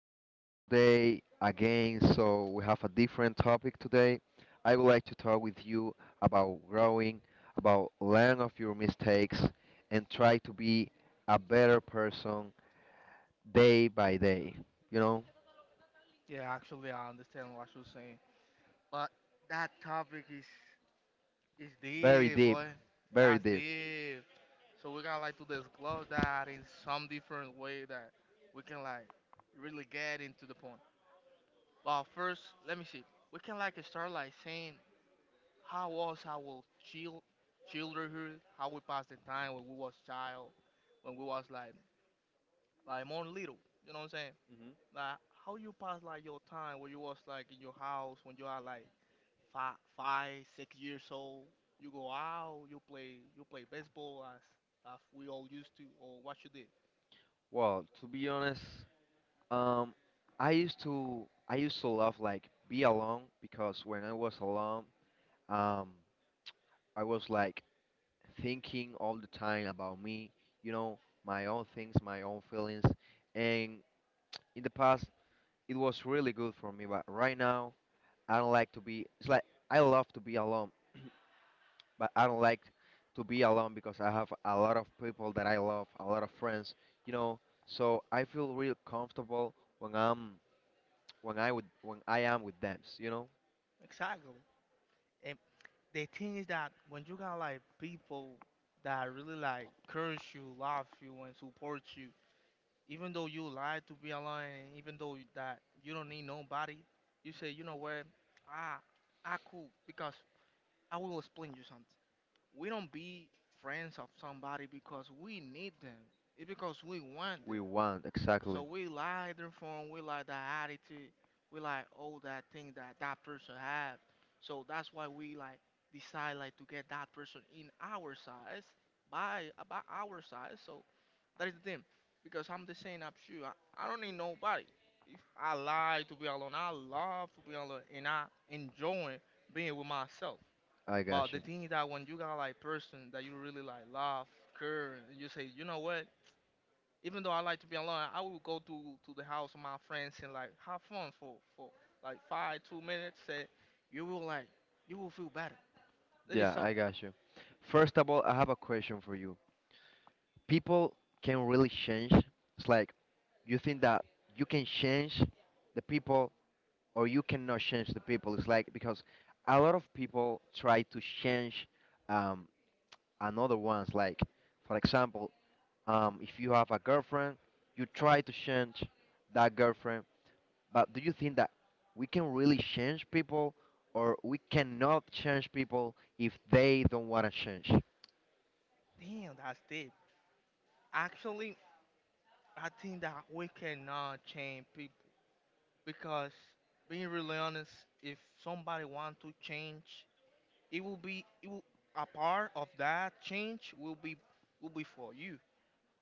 we are here today again, so we have a different topic today. I would like to talk with you about growing, about learn of your mistakes, and try to be a better person day by day. You know, Yeah, actually, I understand what you're saying. But that topic is very deep, boy. deep, very That's deep. deep. So we're gonna like to disclose that in some different way that we can like really get into the point. But first, let me see. We can like start like saying how was our chill childhood, how we passed the time when we was child, when we was like more little. You know what I'm saying? Like how you pass like your time when you was like in your house when you are like 6 years old. You go out, you play baseball as we all used to, or what you did. Well, to be honest, um, I used to love like be alone because when I was alone, um, I was like thinking all the time about me, you know, my own things, my own feelings. And in the past, it was really good for me, but right now, I don't like to be. It's like I love to be alone, but I don't like to be alone because I have a lot of people that I love, a lot of friends, you know. So I feel real comfortable when I'm when I would when I am with them, you know. Exactly. And the thing is that when you got like people that really like curse you, love you, and support you, even though you like to be alone, and even though that you don't need nobody, you say, you know what, ah, I cool because I will explain you something. We don't be friends of somebody because we need them. It's because we want We them. want So exactly. we like their form, we like that attitude, we like all that thing that that person have. So that's why we like decide like to get that person in our size, by about our size. So that is the thing, because I'm the same as you. I don't need nobody. If I like to be alone, I love to be alone, and I enjoy being with myself. I But got the you. thing is that when you got like person that you really like love, care, and you say, you know what? Even though I like to be alone, I will go to the house of my friends and like have fun for like 5 2 minutes. And you will like you will feel better. That is Yeah, I something. got you. First of all, I have a question for you. People can really change. It's like you think that you can change the people or you cannot change the people. It's like because a lot of people try to change um, another ones. Like for example, if you have a girlfriend, you try to change that girlfriend. But do you think that we can really change people or we cannot change people if they don't want to change? Damn, that's deep. Actually, I think that we cannot change people because being really honest, if somebody want to change, it will be it will a part of that change will be for you.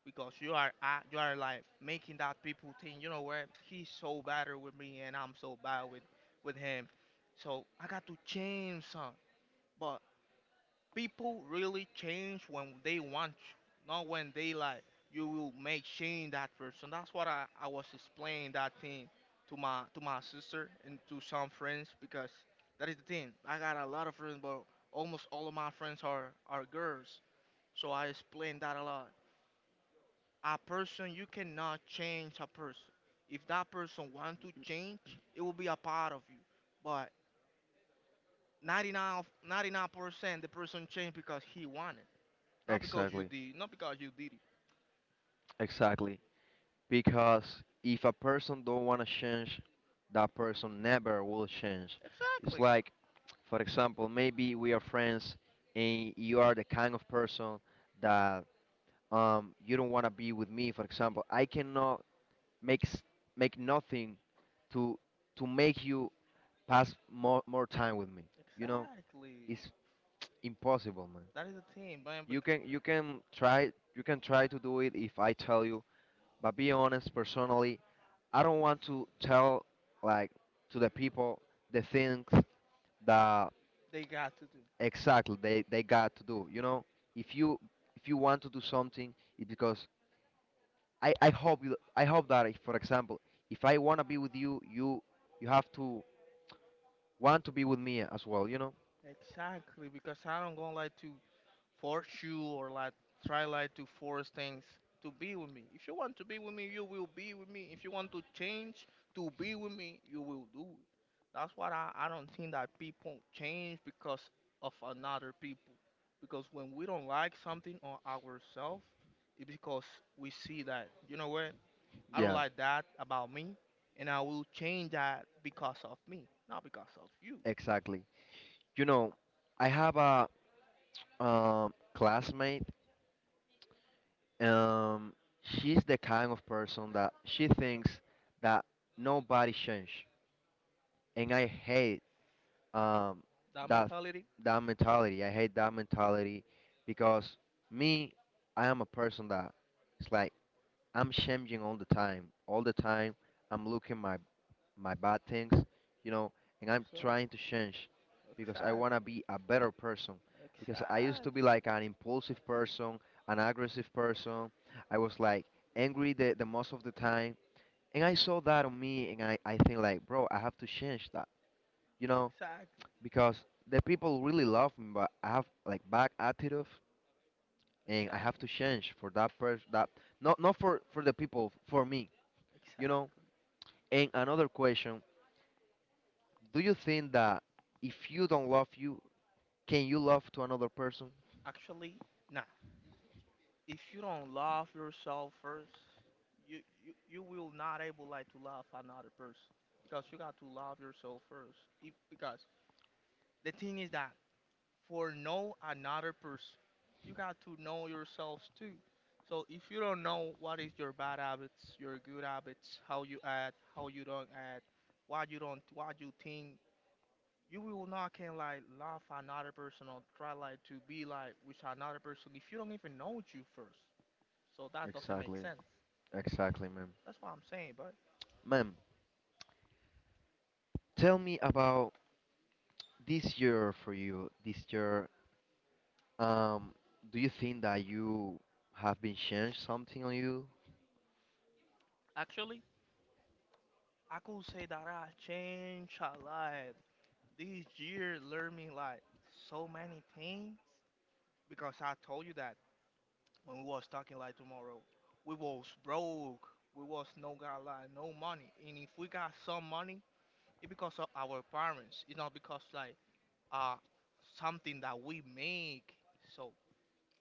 Because you are like making that people think, you know what, he's so better with me and I'm so bad with him. So I got to change some. But people really change when they want you, not when they like you will make change that person. That's what I was explaining that thing to my sister and to some friends because that is the thing. I got a lot of friends but almost all of my friends are girls. So I explained that a lot, a person, you cannot change a person if that person want to change it will be a part of you, but 99% the person changed because he wanted, Exactly, not because you did it. exactly. Because if a person don't want to change, that person never will change. It's Exactly, like for example maybe we are friends and you are the kind of person that, you don't want to be with me. For example I cannot make s- make nothing to to make you pass more time with me, you know. exactly. It's impossible, man. That is the thing, man, You because can you can try, you can try to do it if I tell you, but be honest, personally I don't want to tell like to the people the things that they got to do. exactly they got to do. You know, if you if you want to do something, it's because I hope you, I hope that if, for example, if I wanna be with you, you you have to want to be with me as well. You know? Exactly, because I don't gonna like to force you or like try like to force things to be with me. If you want to be with me, you will be with me. If you want to change to be with me, you will do it. That's why I don't think that people change because of another people. Because when we don't like something on ourselves, it's because we see that, you know what, I don't Yeah, like that about me, and I will change that because of me, not because of you. exactly. You know, I have a, classmate. Um, she's the kind of person that she thinks that nobody change, and I hate, um, That that mentality. that mentality. I hate that mentality because me, I am a person that, it's like I'm changing all the time. All the time, I'm looking my my bad things, you know, and I'm trying to change because I wanna Exactly. be a better person. Exactly. Because I used to Exactly. be like an impulsive person, an aggressive person. I was like angry the most of the time. And I saw that on me and I think like bro I have to change that. You Exactly. Mm. know, Exactly. because the people really love me, but I have like bad attitude, and I have to change for that person. That not not for for the people, for me, you know. Exactly. And another question: do you think that if you don't love you, can you love to another person? Actually, nah. If you don't love yourself first, you will not able like to love another person because you got to love yourself first. If, because the thing is that for know another person. You got to know yourselves too. So if you don't know what is your bad habits, your good habits, how you act, how you don't act, what you don't, what you think, you will not can like love another person or try like to be like with another person if you don't even know you first. So that doesn't make Exactly, sense. exactly, ma'am. That's what I'm saying, but Ma'am, tell me about this year for you. This year, um, do you think that you have been changed something on you? actually, I could say that I changed a lot. This year learned me like so many things because I told you that when we was talking like tomorrow, we was broke. We was no got like no money. And if we got some money, it's because of our parents. It's not because like uh something that we make. So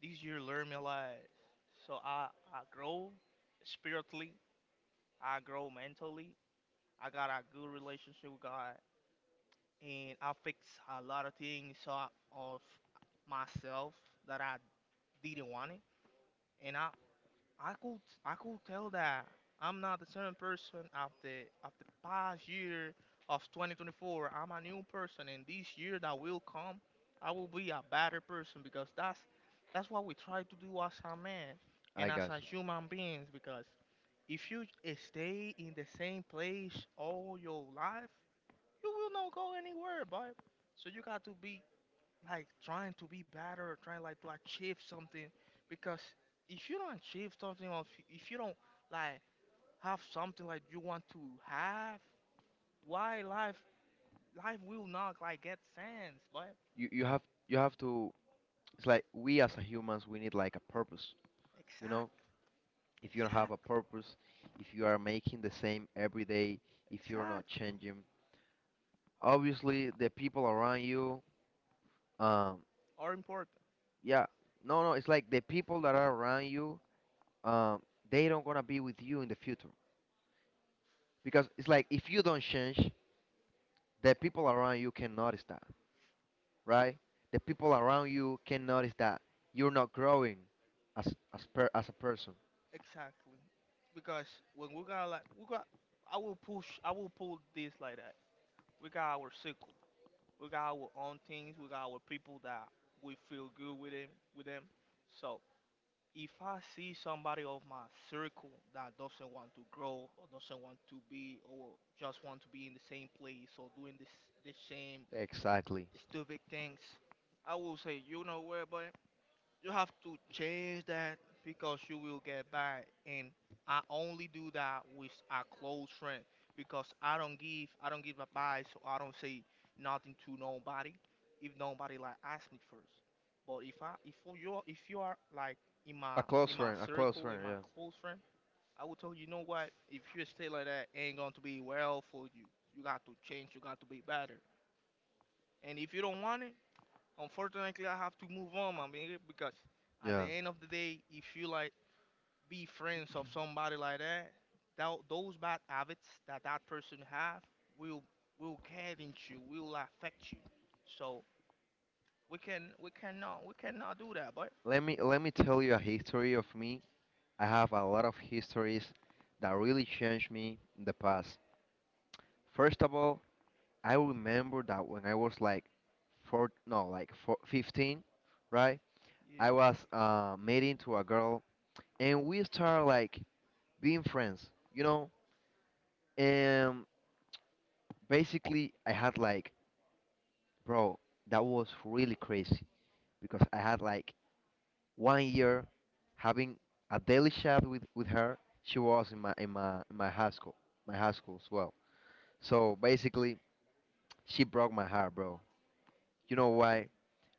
this year learn me like, so I grow spiritually, I grow mentally, I got a good relationship with God and I fix a lot of things, of myself, that I didn't want it, and I could I could tell that I'm not the same person of the past year of 2024. I'm a new person, and this year that will come, I will be a better person because that's what we try to do as a man I and as a guess human beings. Because if you stay in the same place all your life, you will not go anywhere, boy. So you got to be like trying to be better, trying like to achieve something. Because if you don't achieve something, or if you don't like have something like you want to have, why life will not like get sense. But you you have to, it's like we as a humans we need like a purpose, you know, exactly, if you don't have a exactly, purpose, if you are making the same every day, if you're not exactly, changing, obviously the people around you, um are important, yeah. No, no, it's like the people that are around you, um they don't gonna be with you in the future because it's like if you don't change the people around you can notice that, right, the people around you can notice that you're not growing as as per as a person. exactly. Because when we got, I will push, I will pull this like that. We got our circle, we got our own things, we got our people that we feel good with them. So if I see somebody of my circle that doesn't want to grow or doesn't want to be or just want to be in the same place or doing this the same Exactly. stupid things, I will say, you know where, boy, you have to change that because you will get bad. And I only do that with a close friend because I don't give advice, so I don't say nothing to nobody if nobody like ask me first. But if you are like in my A close in my friend, a close circle, in friend, my yeah. close friend, I will tell you, you know what? If you stay like that, ain't going to be well for you. You got to change. You got to be better. And if you don't want it, unfortunately, I have to move on, my nigga, because at the Yeah. end of the day, if you like be friends of somebody like that, thou those bad habits that that person have will will get into you, will affect you. So we cannot do that, but Let me tell you a history of me. I have a lot of histories that really changed me in the past. First of all, I remember that when I was like four, 15, right? yeah. I was meeting to a girl, and we started like being friends, you know. And basically, I had like, bro, that was really crazy because I had like 1 year having a daily chat with her. She was in my high school as well. So basically, she broke my heart, bro. You know why?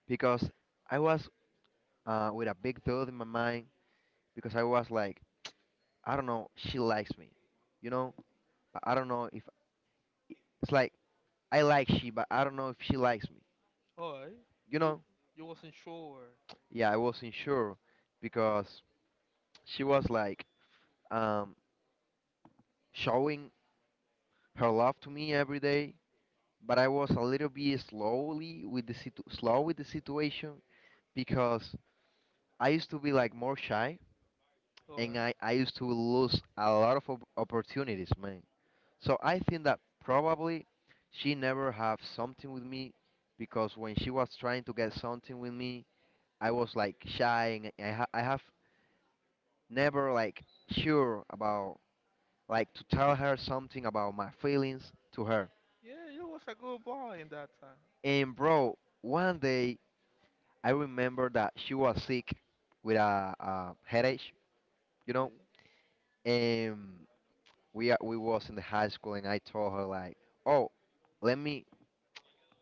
Because I was, with a big thought in my mind. Because I was like, I don't know, she likes me, you know. But I don't know if, it's like I like she, but I don't know if she likes me, Alright, you you know. you wasn't sure. Yeah, I wasn't sure because she was like, um, showing her love to me every day but I was a little bit slowly with the slow with the situation because I used to be like more shy and Alright, I used to lose a lot of opportunities, man. So I think that probably she never have something with me because when she was trying to get something with me, I was like shy and I have never like sure about like to tell her something about my feelings to her. yeah, you was a good boy in that time. And bro, one day I remember that she was sick with a headache, you know, Yeah, and we was in the high school, and I told her like, "Oh, let me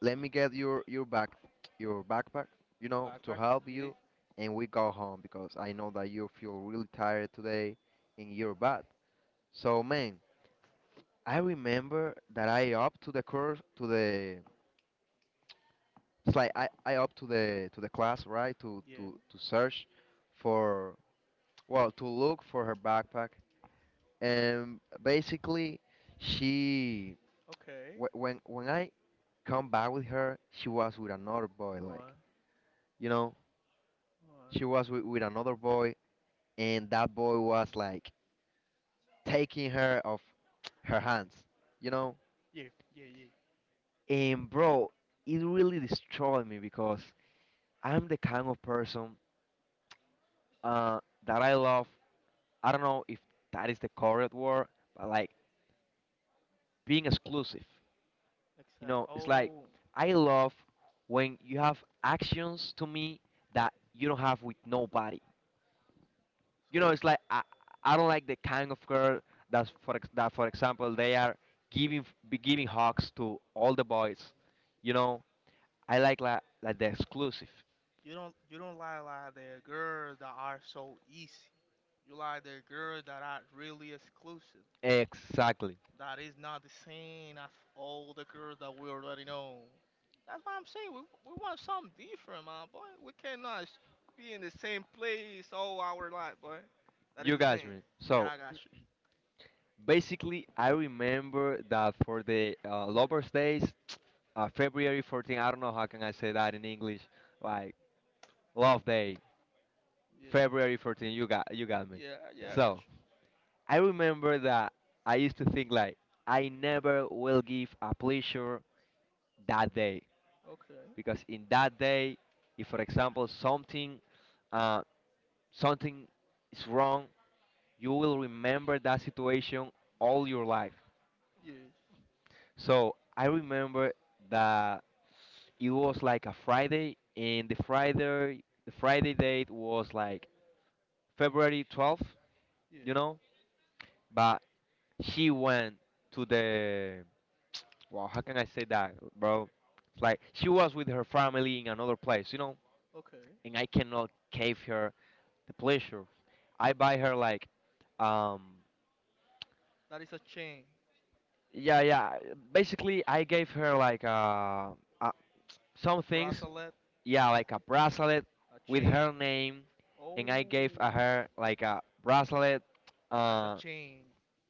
let me get your backpack, you your know, to backpack. help Yeah, you, and we go home because I know that you feel really tired today, and you're bad." So man, I remember that I up to the course to the it's like I up to the class right yeah. To search for, well, to look for her backpack and basically she, Okay. when I come back with her she was with another boy, like, Alright, you know, she was alright. With another boy and that boy was like taking her off her hands, you know, Yeah, yeah, yeah, and bro it really destroyed me because I'm the kind of person, uh that I love, I don't know if that is the correct word, but like being exclusive. you except, You know, know, it's it's like, oh, you like know, I love when you have actions to me that you don't have with nobody. You know, so it's like I don't like the kind of girl that's that for example they are giving hugs to all the boys. You know, I like the exclusive. you don't like the girls that are so easy. You like the girls that are really exclusive. Exactly. That is not the same as all the girls that we already know. That's what I'm saying. We want something different, man, boy. We cannot be in the same place all our life, boy. That is You the guys thing. me. Me. So yeah, So I got you. basically, I remember that for the Lovers Days, February 14. I don't know how can I say that in English. Like Love Day. February Yeah. 14, you got me. Me. Yeah, yeah, I got So you. I remember that I used to think like I never will give a pleasure that day Okay. because in that day, if for example something, uh, something is wrong, you will remember that situation all your life. Yes. So I remember that it was like a Friday, and the Friday date was like February 12th, Yes. you know, but she went to the, well, how can I say that, bro? It's like she was with her family in another place, you know, Okay. and I cannot give her the pleasure. I buy her like, um, That is a change. yeah, yeah. Basically, I gave her like uh some things, Bracelet, yeah, like a bracelet a with her chain. name, Oh, and I gave her like a bracelet that's a uh chain.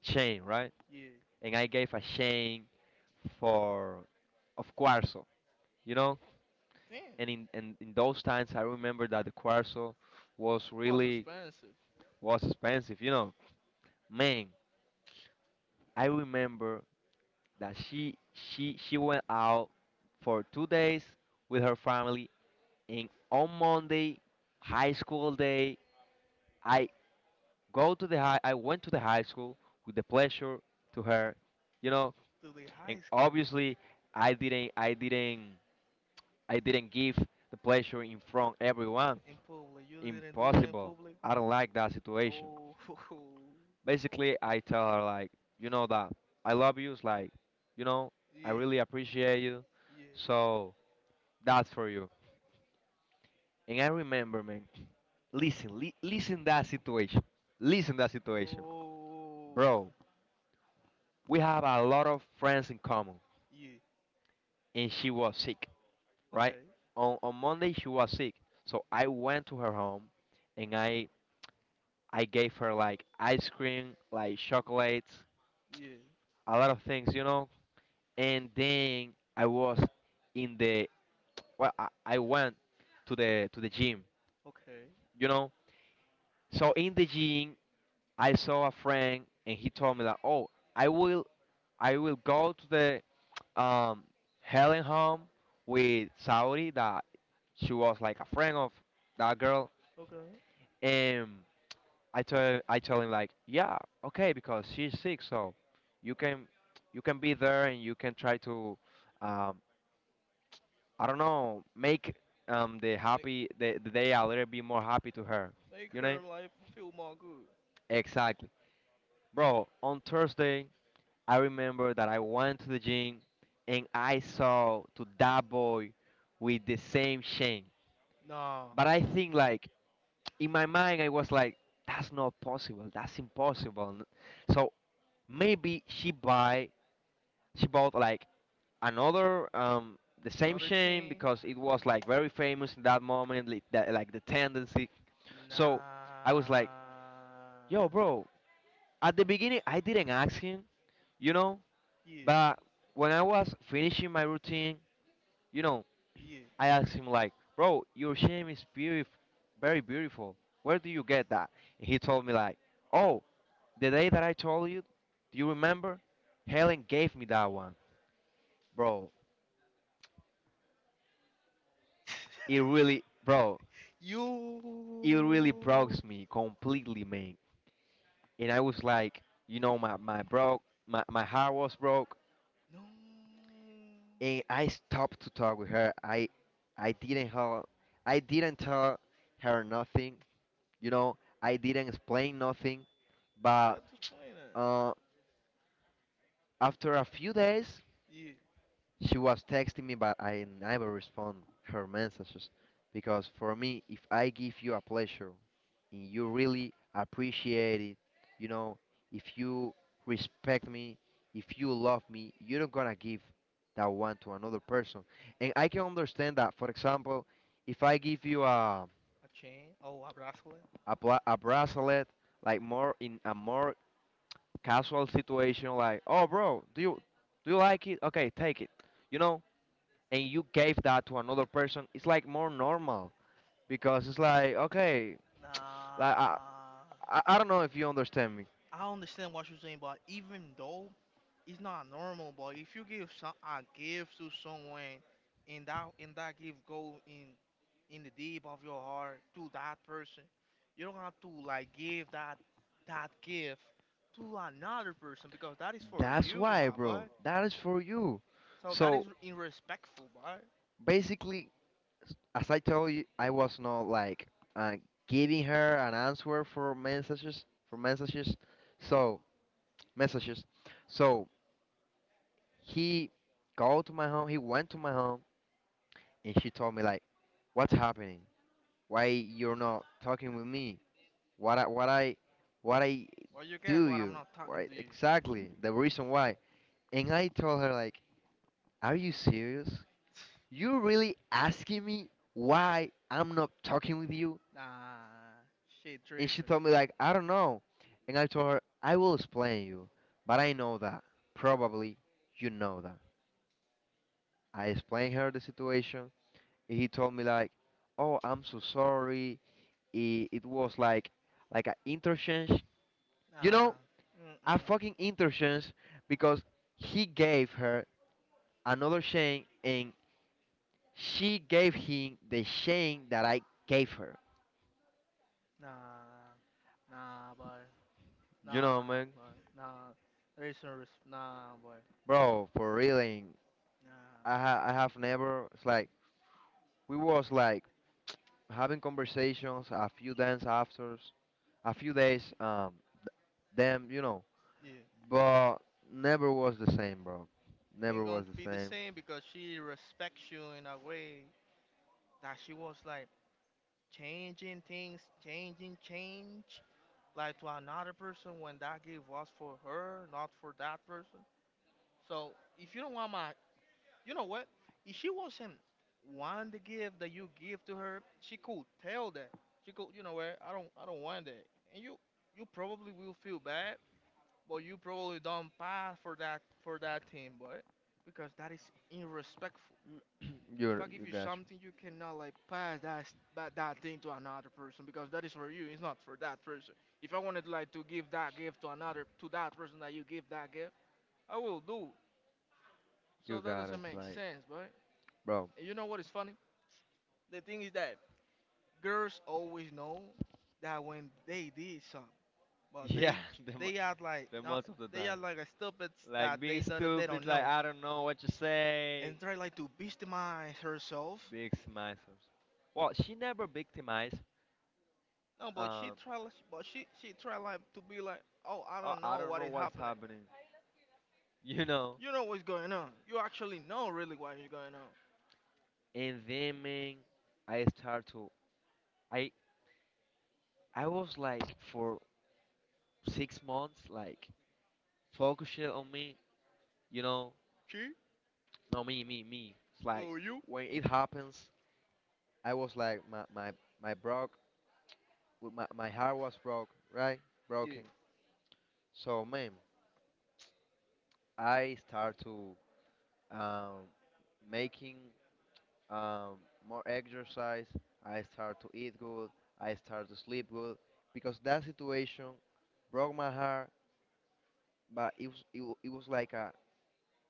chain, right? Yeah. And I gave a shame for of Quarzo, you know. Damn, And and in those times, I remember that the Quarzo was was really expensive was expensive, you know. Man, I remember that she went out for 2 days with her family, and on Monday, high school day, I I went to the high school with the pleasure to her, you know. to the And high school obviously, I didn't I didn't I didn't give the pleasure in front everyone. in public. You didn't do it in Impossible. public. I don't like that situation. Oh, Basically, I tell her like, you know that I love you. It's like, you know, I really yeah, appreciate you. yeah. So that's for you. And I remember, man. Listen, listen that situation. Listen that situation, Oh, bro. We have a lot of friends in common, yeah. and she was sick, right? Okay. On Monday she was sick, so I went to her home, and I gave her like ice cream, like chocolates, Yeah. a lot of things, you know. And then I was in the, well, I went to the gym, Okay. you know. So in the gym, I saw a friend, and he told me that, oh, I will, I will go to the Helen home with Saudi that she was like a friend of that girl, Okay. and I tell him like, yeah, okay, because she's sick, so you can you can be there and you can try to um, I don't know make the happy the day a little bit more happy to her. Make You know? her life feel more good. Exactly. Bro, on Thursday I remember that I went to the gym and I saw to that boy with the same chain. Nah. But I think like in my mind I was like that's not possible. That's impossible. So maybe she buy she bought like another the same chain because it was like very famous in that moment, like that, like the tendency. So I was So like, I was like, yo bro, at the beginning I didn't ask him, you know, yeah. but when I was finishing my routine, you know, Yeah. I asked him like, bro, your chain is beautiful, very beautiful, where do you get that? And he told me like, oh, the day that I told you, do you remember, Helen gave me that one, bro. It really, bro, Yo. it Me. really broke me completely, man. And I was like, you know, my heart was broke, No. and I stopped to talk with her. I didn't her, I didn't tell her nothing. You know, I didn't explain nothing. But You to explain that. uh, after a few days, Yeah. she was texting me, but I never respond her messages because for me, if I give you a pleasure and you really appreciate it, you know, if you respect me, if you love me, you're not gonna give that one to another person. And I can understand that. For example, if I give you A chain. Oh, abrazo. a, bla a bracelet, like more in a more casual situation, like, oh, bro, do you like it? Okay, take it. You know, and you gave that to another person, it's like more normal because it's like okay, like I, Nah, I don't know if you understand me. I don't understand what you're saying, but even though it's not normal, but if you give some a gift to someone, and that gift go in the deep of your heart to that person, you don't have to like give that gift to another person because that is for That's you, why, my boy. bro. That is for you. So that So is irrespectful, boy. basically, as I told you, I was not like uh, giving her an answer for messages, for messages. So messages. So he go to my home. He went to my home, and she told me like, "What's happening? Why you're not talking with me?" what I what I what I Well, you guess Do what? I'm you not talking right to you. exactly the reason why? And I told her like, are you serious? You really asking me why I'm not talking with you? Nah, shit And she tripping. told me like, I don't know. And I told her, I will explain you, but I know that probably you know that. I explained her the situation, and he told me like, oh, I'm so sorry, it was like an interchange, you Nah. know, a Mm-mm. fucking interchange, because he gave her another chain and she gave him the chain that I gave her. Nah, nah, boy. You know, Nah, man, boy. Nah. There is no nah, boy. bro, for reeling, Nah. I have never. It's like we was like having conversations a few days after, a few days th- them, you know, Yeah. but never was the same, bro. Ain't Never gonna was be the the same. same because she respects you in a way that she was like changing things, like to another person when that gift was for her, not for that person. So if you don't want my you know what? If she wasn't want the gift that you give to her, she could tell that. She could, you know what? I don't want that. And you probably will feel bad, but you probably don't pass for that thing, but because that is irrespectful. If you I give you you got something, you cannot like pass that thing to another person because that is for you. It's not for that person. If I wanted like to give that gift to another to that person that you give that gift, I will do. you, So you that got it. doesn't It's make like, sense, but bro, you know what is funny? The thing is that girls always know that when they did something, but yeah, they the, mo- they act like the not, most of the they time. act like a stupid Like that they being don't, they stupid, don't like know I don't know what to say. and try like to victimize herself. Victimizers. Well, she never victimized. No, but she Um, tried, but she tried like to be like, oh, I I, don't I know don't what know is what's happening. happening, you know. You know what's going on. You actually know really what is going on. And then, man, I start to. I I was like for 6 months, like focusing on me, you know. She No, me, me, me. It's like or you? when it happens, I was like my broke. my heart was broke, right? Yeah. Broken. So, man, I start to um, making um, more exercise. I start to eat good. I start to sleep good because that situation broke my heart, but it was like a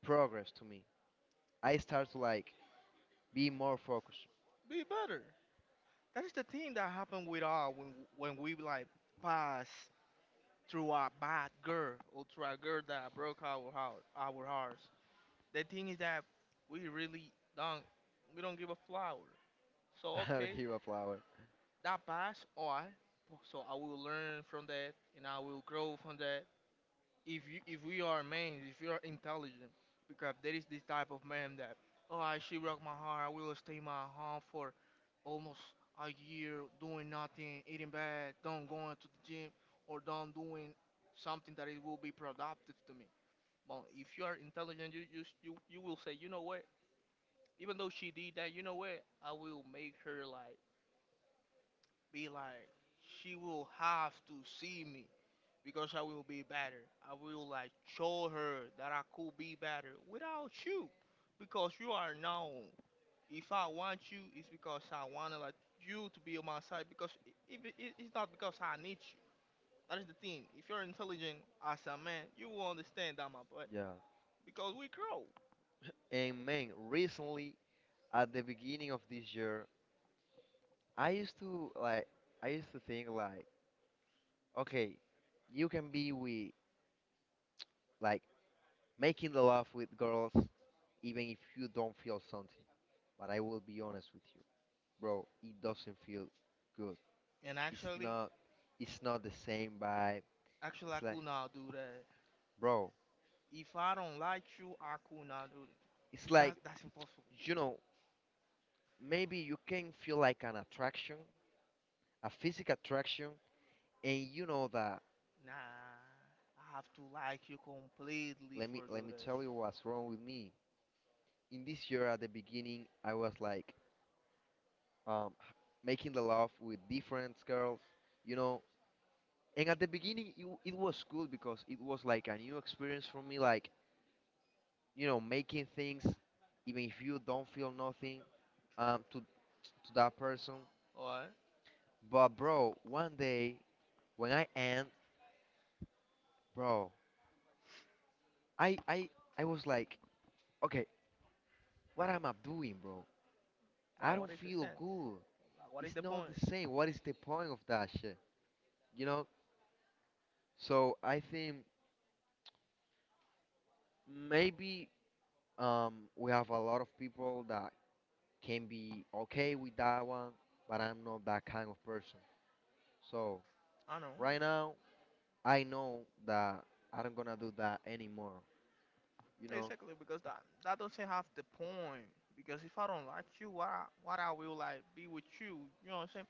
progress to me. I start to like be more focused. Be better. That is the thing that happened with us when we like pass through a bad girl or through a girl that broke our heart, our hearts. The thing is that we really don't give a flower. So I okay, don't give a flower. that passed. All right. So I will learn from that, and I will grow from that, if you if we are men, if you are intelligent, because there is this type of man that oh I she broke my heart, I will stay in my home for almost a year doing nothing, eating bad, don't going to the gym or don't doing something that it will be productive to me. But if you are intelligent, you will say, you know what? Even though she did that, you know what? I will make her like be like she will have to see me because I will be better. I will like show her that I could be better without you because you are known. If I want you, it's because I want like you to be on my side because I- if it, it- it's not because I need you. That is the thing. If you're intelligent as a man, you will understand that, my boy, Yeah. because we grow. And man, recently at the beginning of this year, I used to like I used to think like, okay, you can be with like making the love with girls even if you don't feel something. But I will be honest with you, bro. It doesn't feel good. And It's actually, not. It's not the same vibe. actually, I It's like, could not do that. bro. If I don't like you, I could not do that. It's like, That's impossible. you know, maybe you can feel like an attraction, a physical attraction, and you know that. Nah, I have to like you completely Let me for do let me that. tell you what's wrong with me. In this year, at the beginning, I was like, um, h- making the love with different girls, you know. And at the beginning, it was cool because it was like a new experience for me. Like, you know, making things even if you don't feel nothing Exactly. To to that person, Or but bro, one day, when I end, bro, i i I was like, okay, what am I doing, bro? I now, what don't is the feel sense? good. Like, what is It's the not point? the same. What is the point of that shit? You know. So I think maybe we have a lot of people that can be okay with that one, but I'm not that kind of person. So I know. right now I know that I'm gonna do that anymore. You know? Exactly, because that doesn't have the point. Because if I don't like you, what I will like be with you? You know what I'm saying?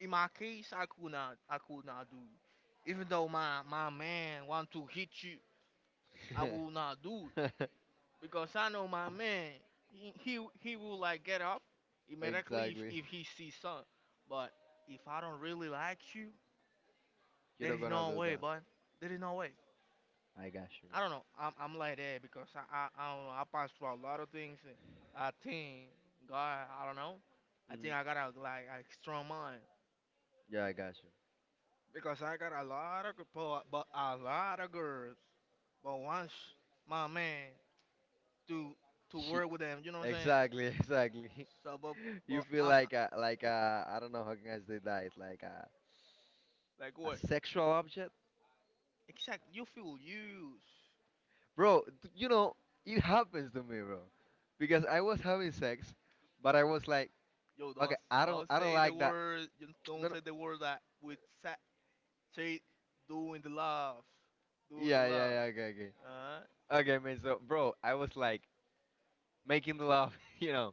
In my case, I could not do it. Even though my man want to hit you, I will not do. Because I know my man. He will like get up immediately Exactly. if he sees sun. But if I don't really like you, You're there not is gonna no do way, that. but there is no way. I got you. I don't know. I'm like that because I don't know. I passed through a lot of things. And I think God. I don't know. I think I Hmm. got a like a strong mind Yeah, I got you. because I got a lot of girls, but a lot of girls. But once my man to to She. work with them. You know what I'm saying? Exactly, exactly. So, but you You but feel I'm like a like a, I don't know how can I say that. It's like like a what? sexual object, Exactly. You feel used. bro. You know it happens to me, bro, because I was having sex, but I was like, Yo, okay, don't I don't say the like that. word. You don't No, no. say the word that with say doing the love, doing the Yeah, yeah, love. yeah. Okay, okay. Uh, Okay, man. So, bro, I was like, making love, you know.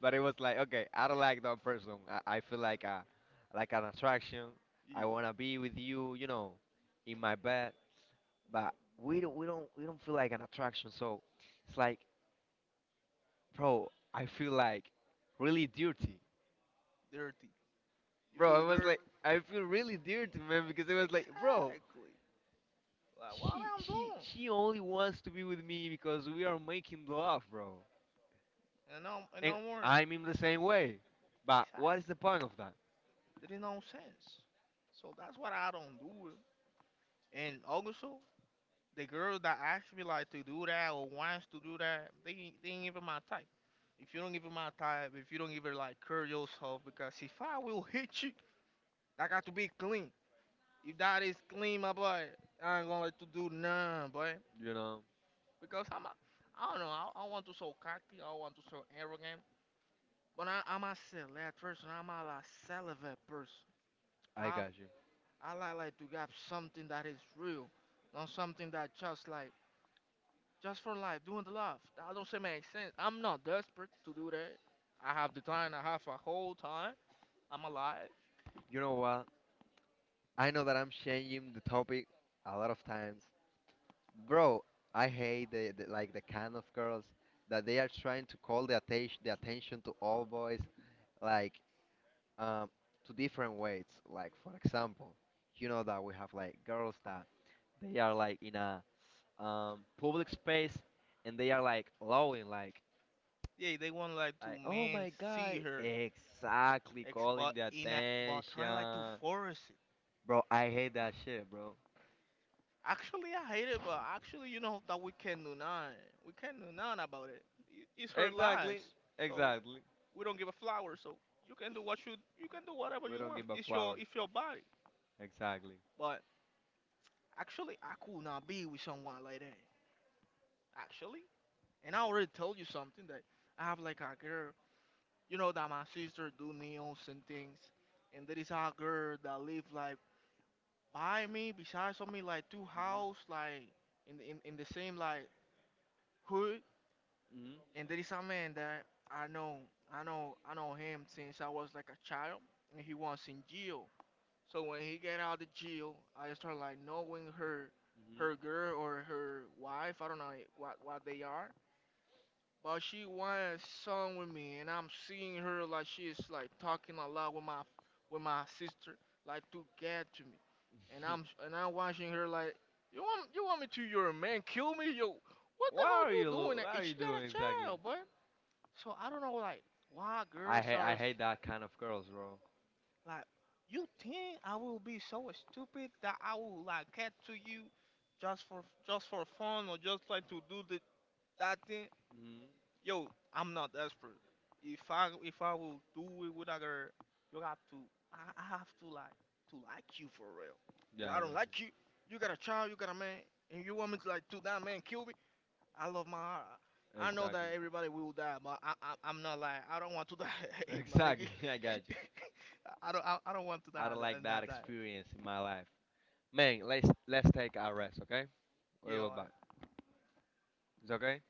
But it was like, okay, I don't like that person. I feel like a, like an attraction. yeah. I wanna be with you, you know, Know. in my bed. But we don't feel like an attraction. So it's like, bro, I feel like really dirty, Dirty. You bro. feel I was dirty. like, I feel really dirty, man, because it was like, Bro, bro, exactly. Like, what I'm doing? she only wants to be with me because we are making love, bro. And And no more. I'm in the same way. But Exactly. what is the point of that? There is no sense. So that's what I don't do. And also, the girls that actually like to do that or wants to do that, they ain't even my type. If you don't give her my type, if you don't give her like curl yourself, because if I will hit you, I got to be clean. If that is clean, my boy, I ain't gonna let you do none, boy. You know. Because I don't know, I want to so cocky, I want to so arrogant, but I'm a select person, I'm a like, celibate person. I I got you. I like to have something that is real, not something that just like, just for life, doing the love. That doesn't make sense. I'm not desperate to do that. I have the time, I have a whole time, I'm alive. You know what? I know that I'm changing the topic a lot of times. Bro, I hate the, like, the kind of girls that they are trying to call the attention to all boys, like um to different ways. Like for example, you know that we have like girls that they are like in a public space and they are like lowing like Yeah, they want like to like oh man my god, see her, exactly, ex, calling but the in a, but trying like to attention, force. bro, I hate that shit, bro. Actually, I hate it, but actually, you know that we can do none. We can do none about it. I- It's her lives, Exactly. so Exactly. we don't give a flower. So you can do what you can do whatever We you don't want. give a flower. It's your body. Exactly. But actually, I could not be with someone like that. Actually, and I already told you something that I have like a girl. You know that my sister do nails and things, and there is a girl that live like by me, besides of me, like two Mhm. house, like in the, in the same like hood. Mhm. And there is a man that I know, I know him since I was like a child, and he was in jail. So when he get out of jail, I start like knowing her, Mhm. her girl or her wife. I don't know what they are, but she was song with me, and I'm seeing her like she's like talking a lot with my sister, like to get to me, and I'm and I'm watching her like you want me to your man kill me yo. What the What hell are you you? doing that? What are And you she got doing a exactly? child, boy. So I don't know, like, why I hate. I hate that kind of girls, bro. like, you think I will be so stupid that I will like get to you just for fun or just like to do the that thing? Mhm. Yo, I'm not desperate. If I will do it with a girl, you have to I have to like you for real. And Yeah, I I don't got like you. You got a child, you got a man, and you want me to like to that man kill I love my heart. you. I know that Exactly. everybody will die, but I'm not like I don't want to die, my nigga. Exactly. I got you. I don't want to die I I don't like like that that that experience in die. my life. Man, let's take a rest, okay? You We will know. back. It's okay.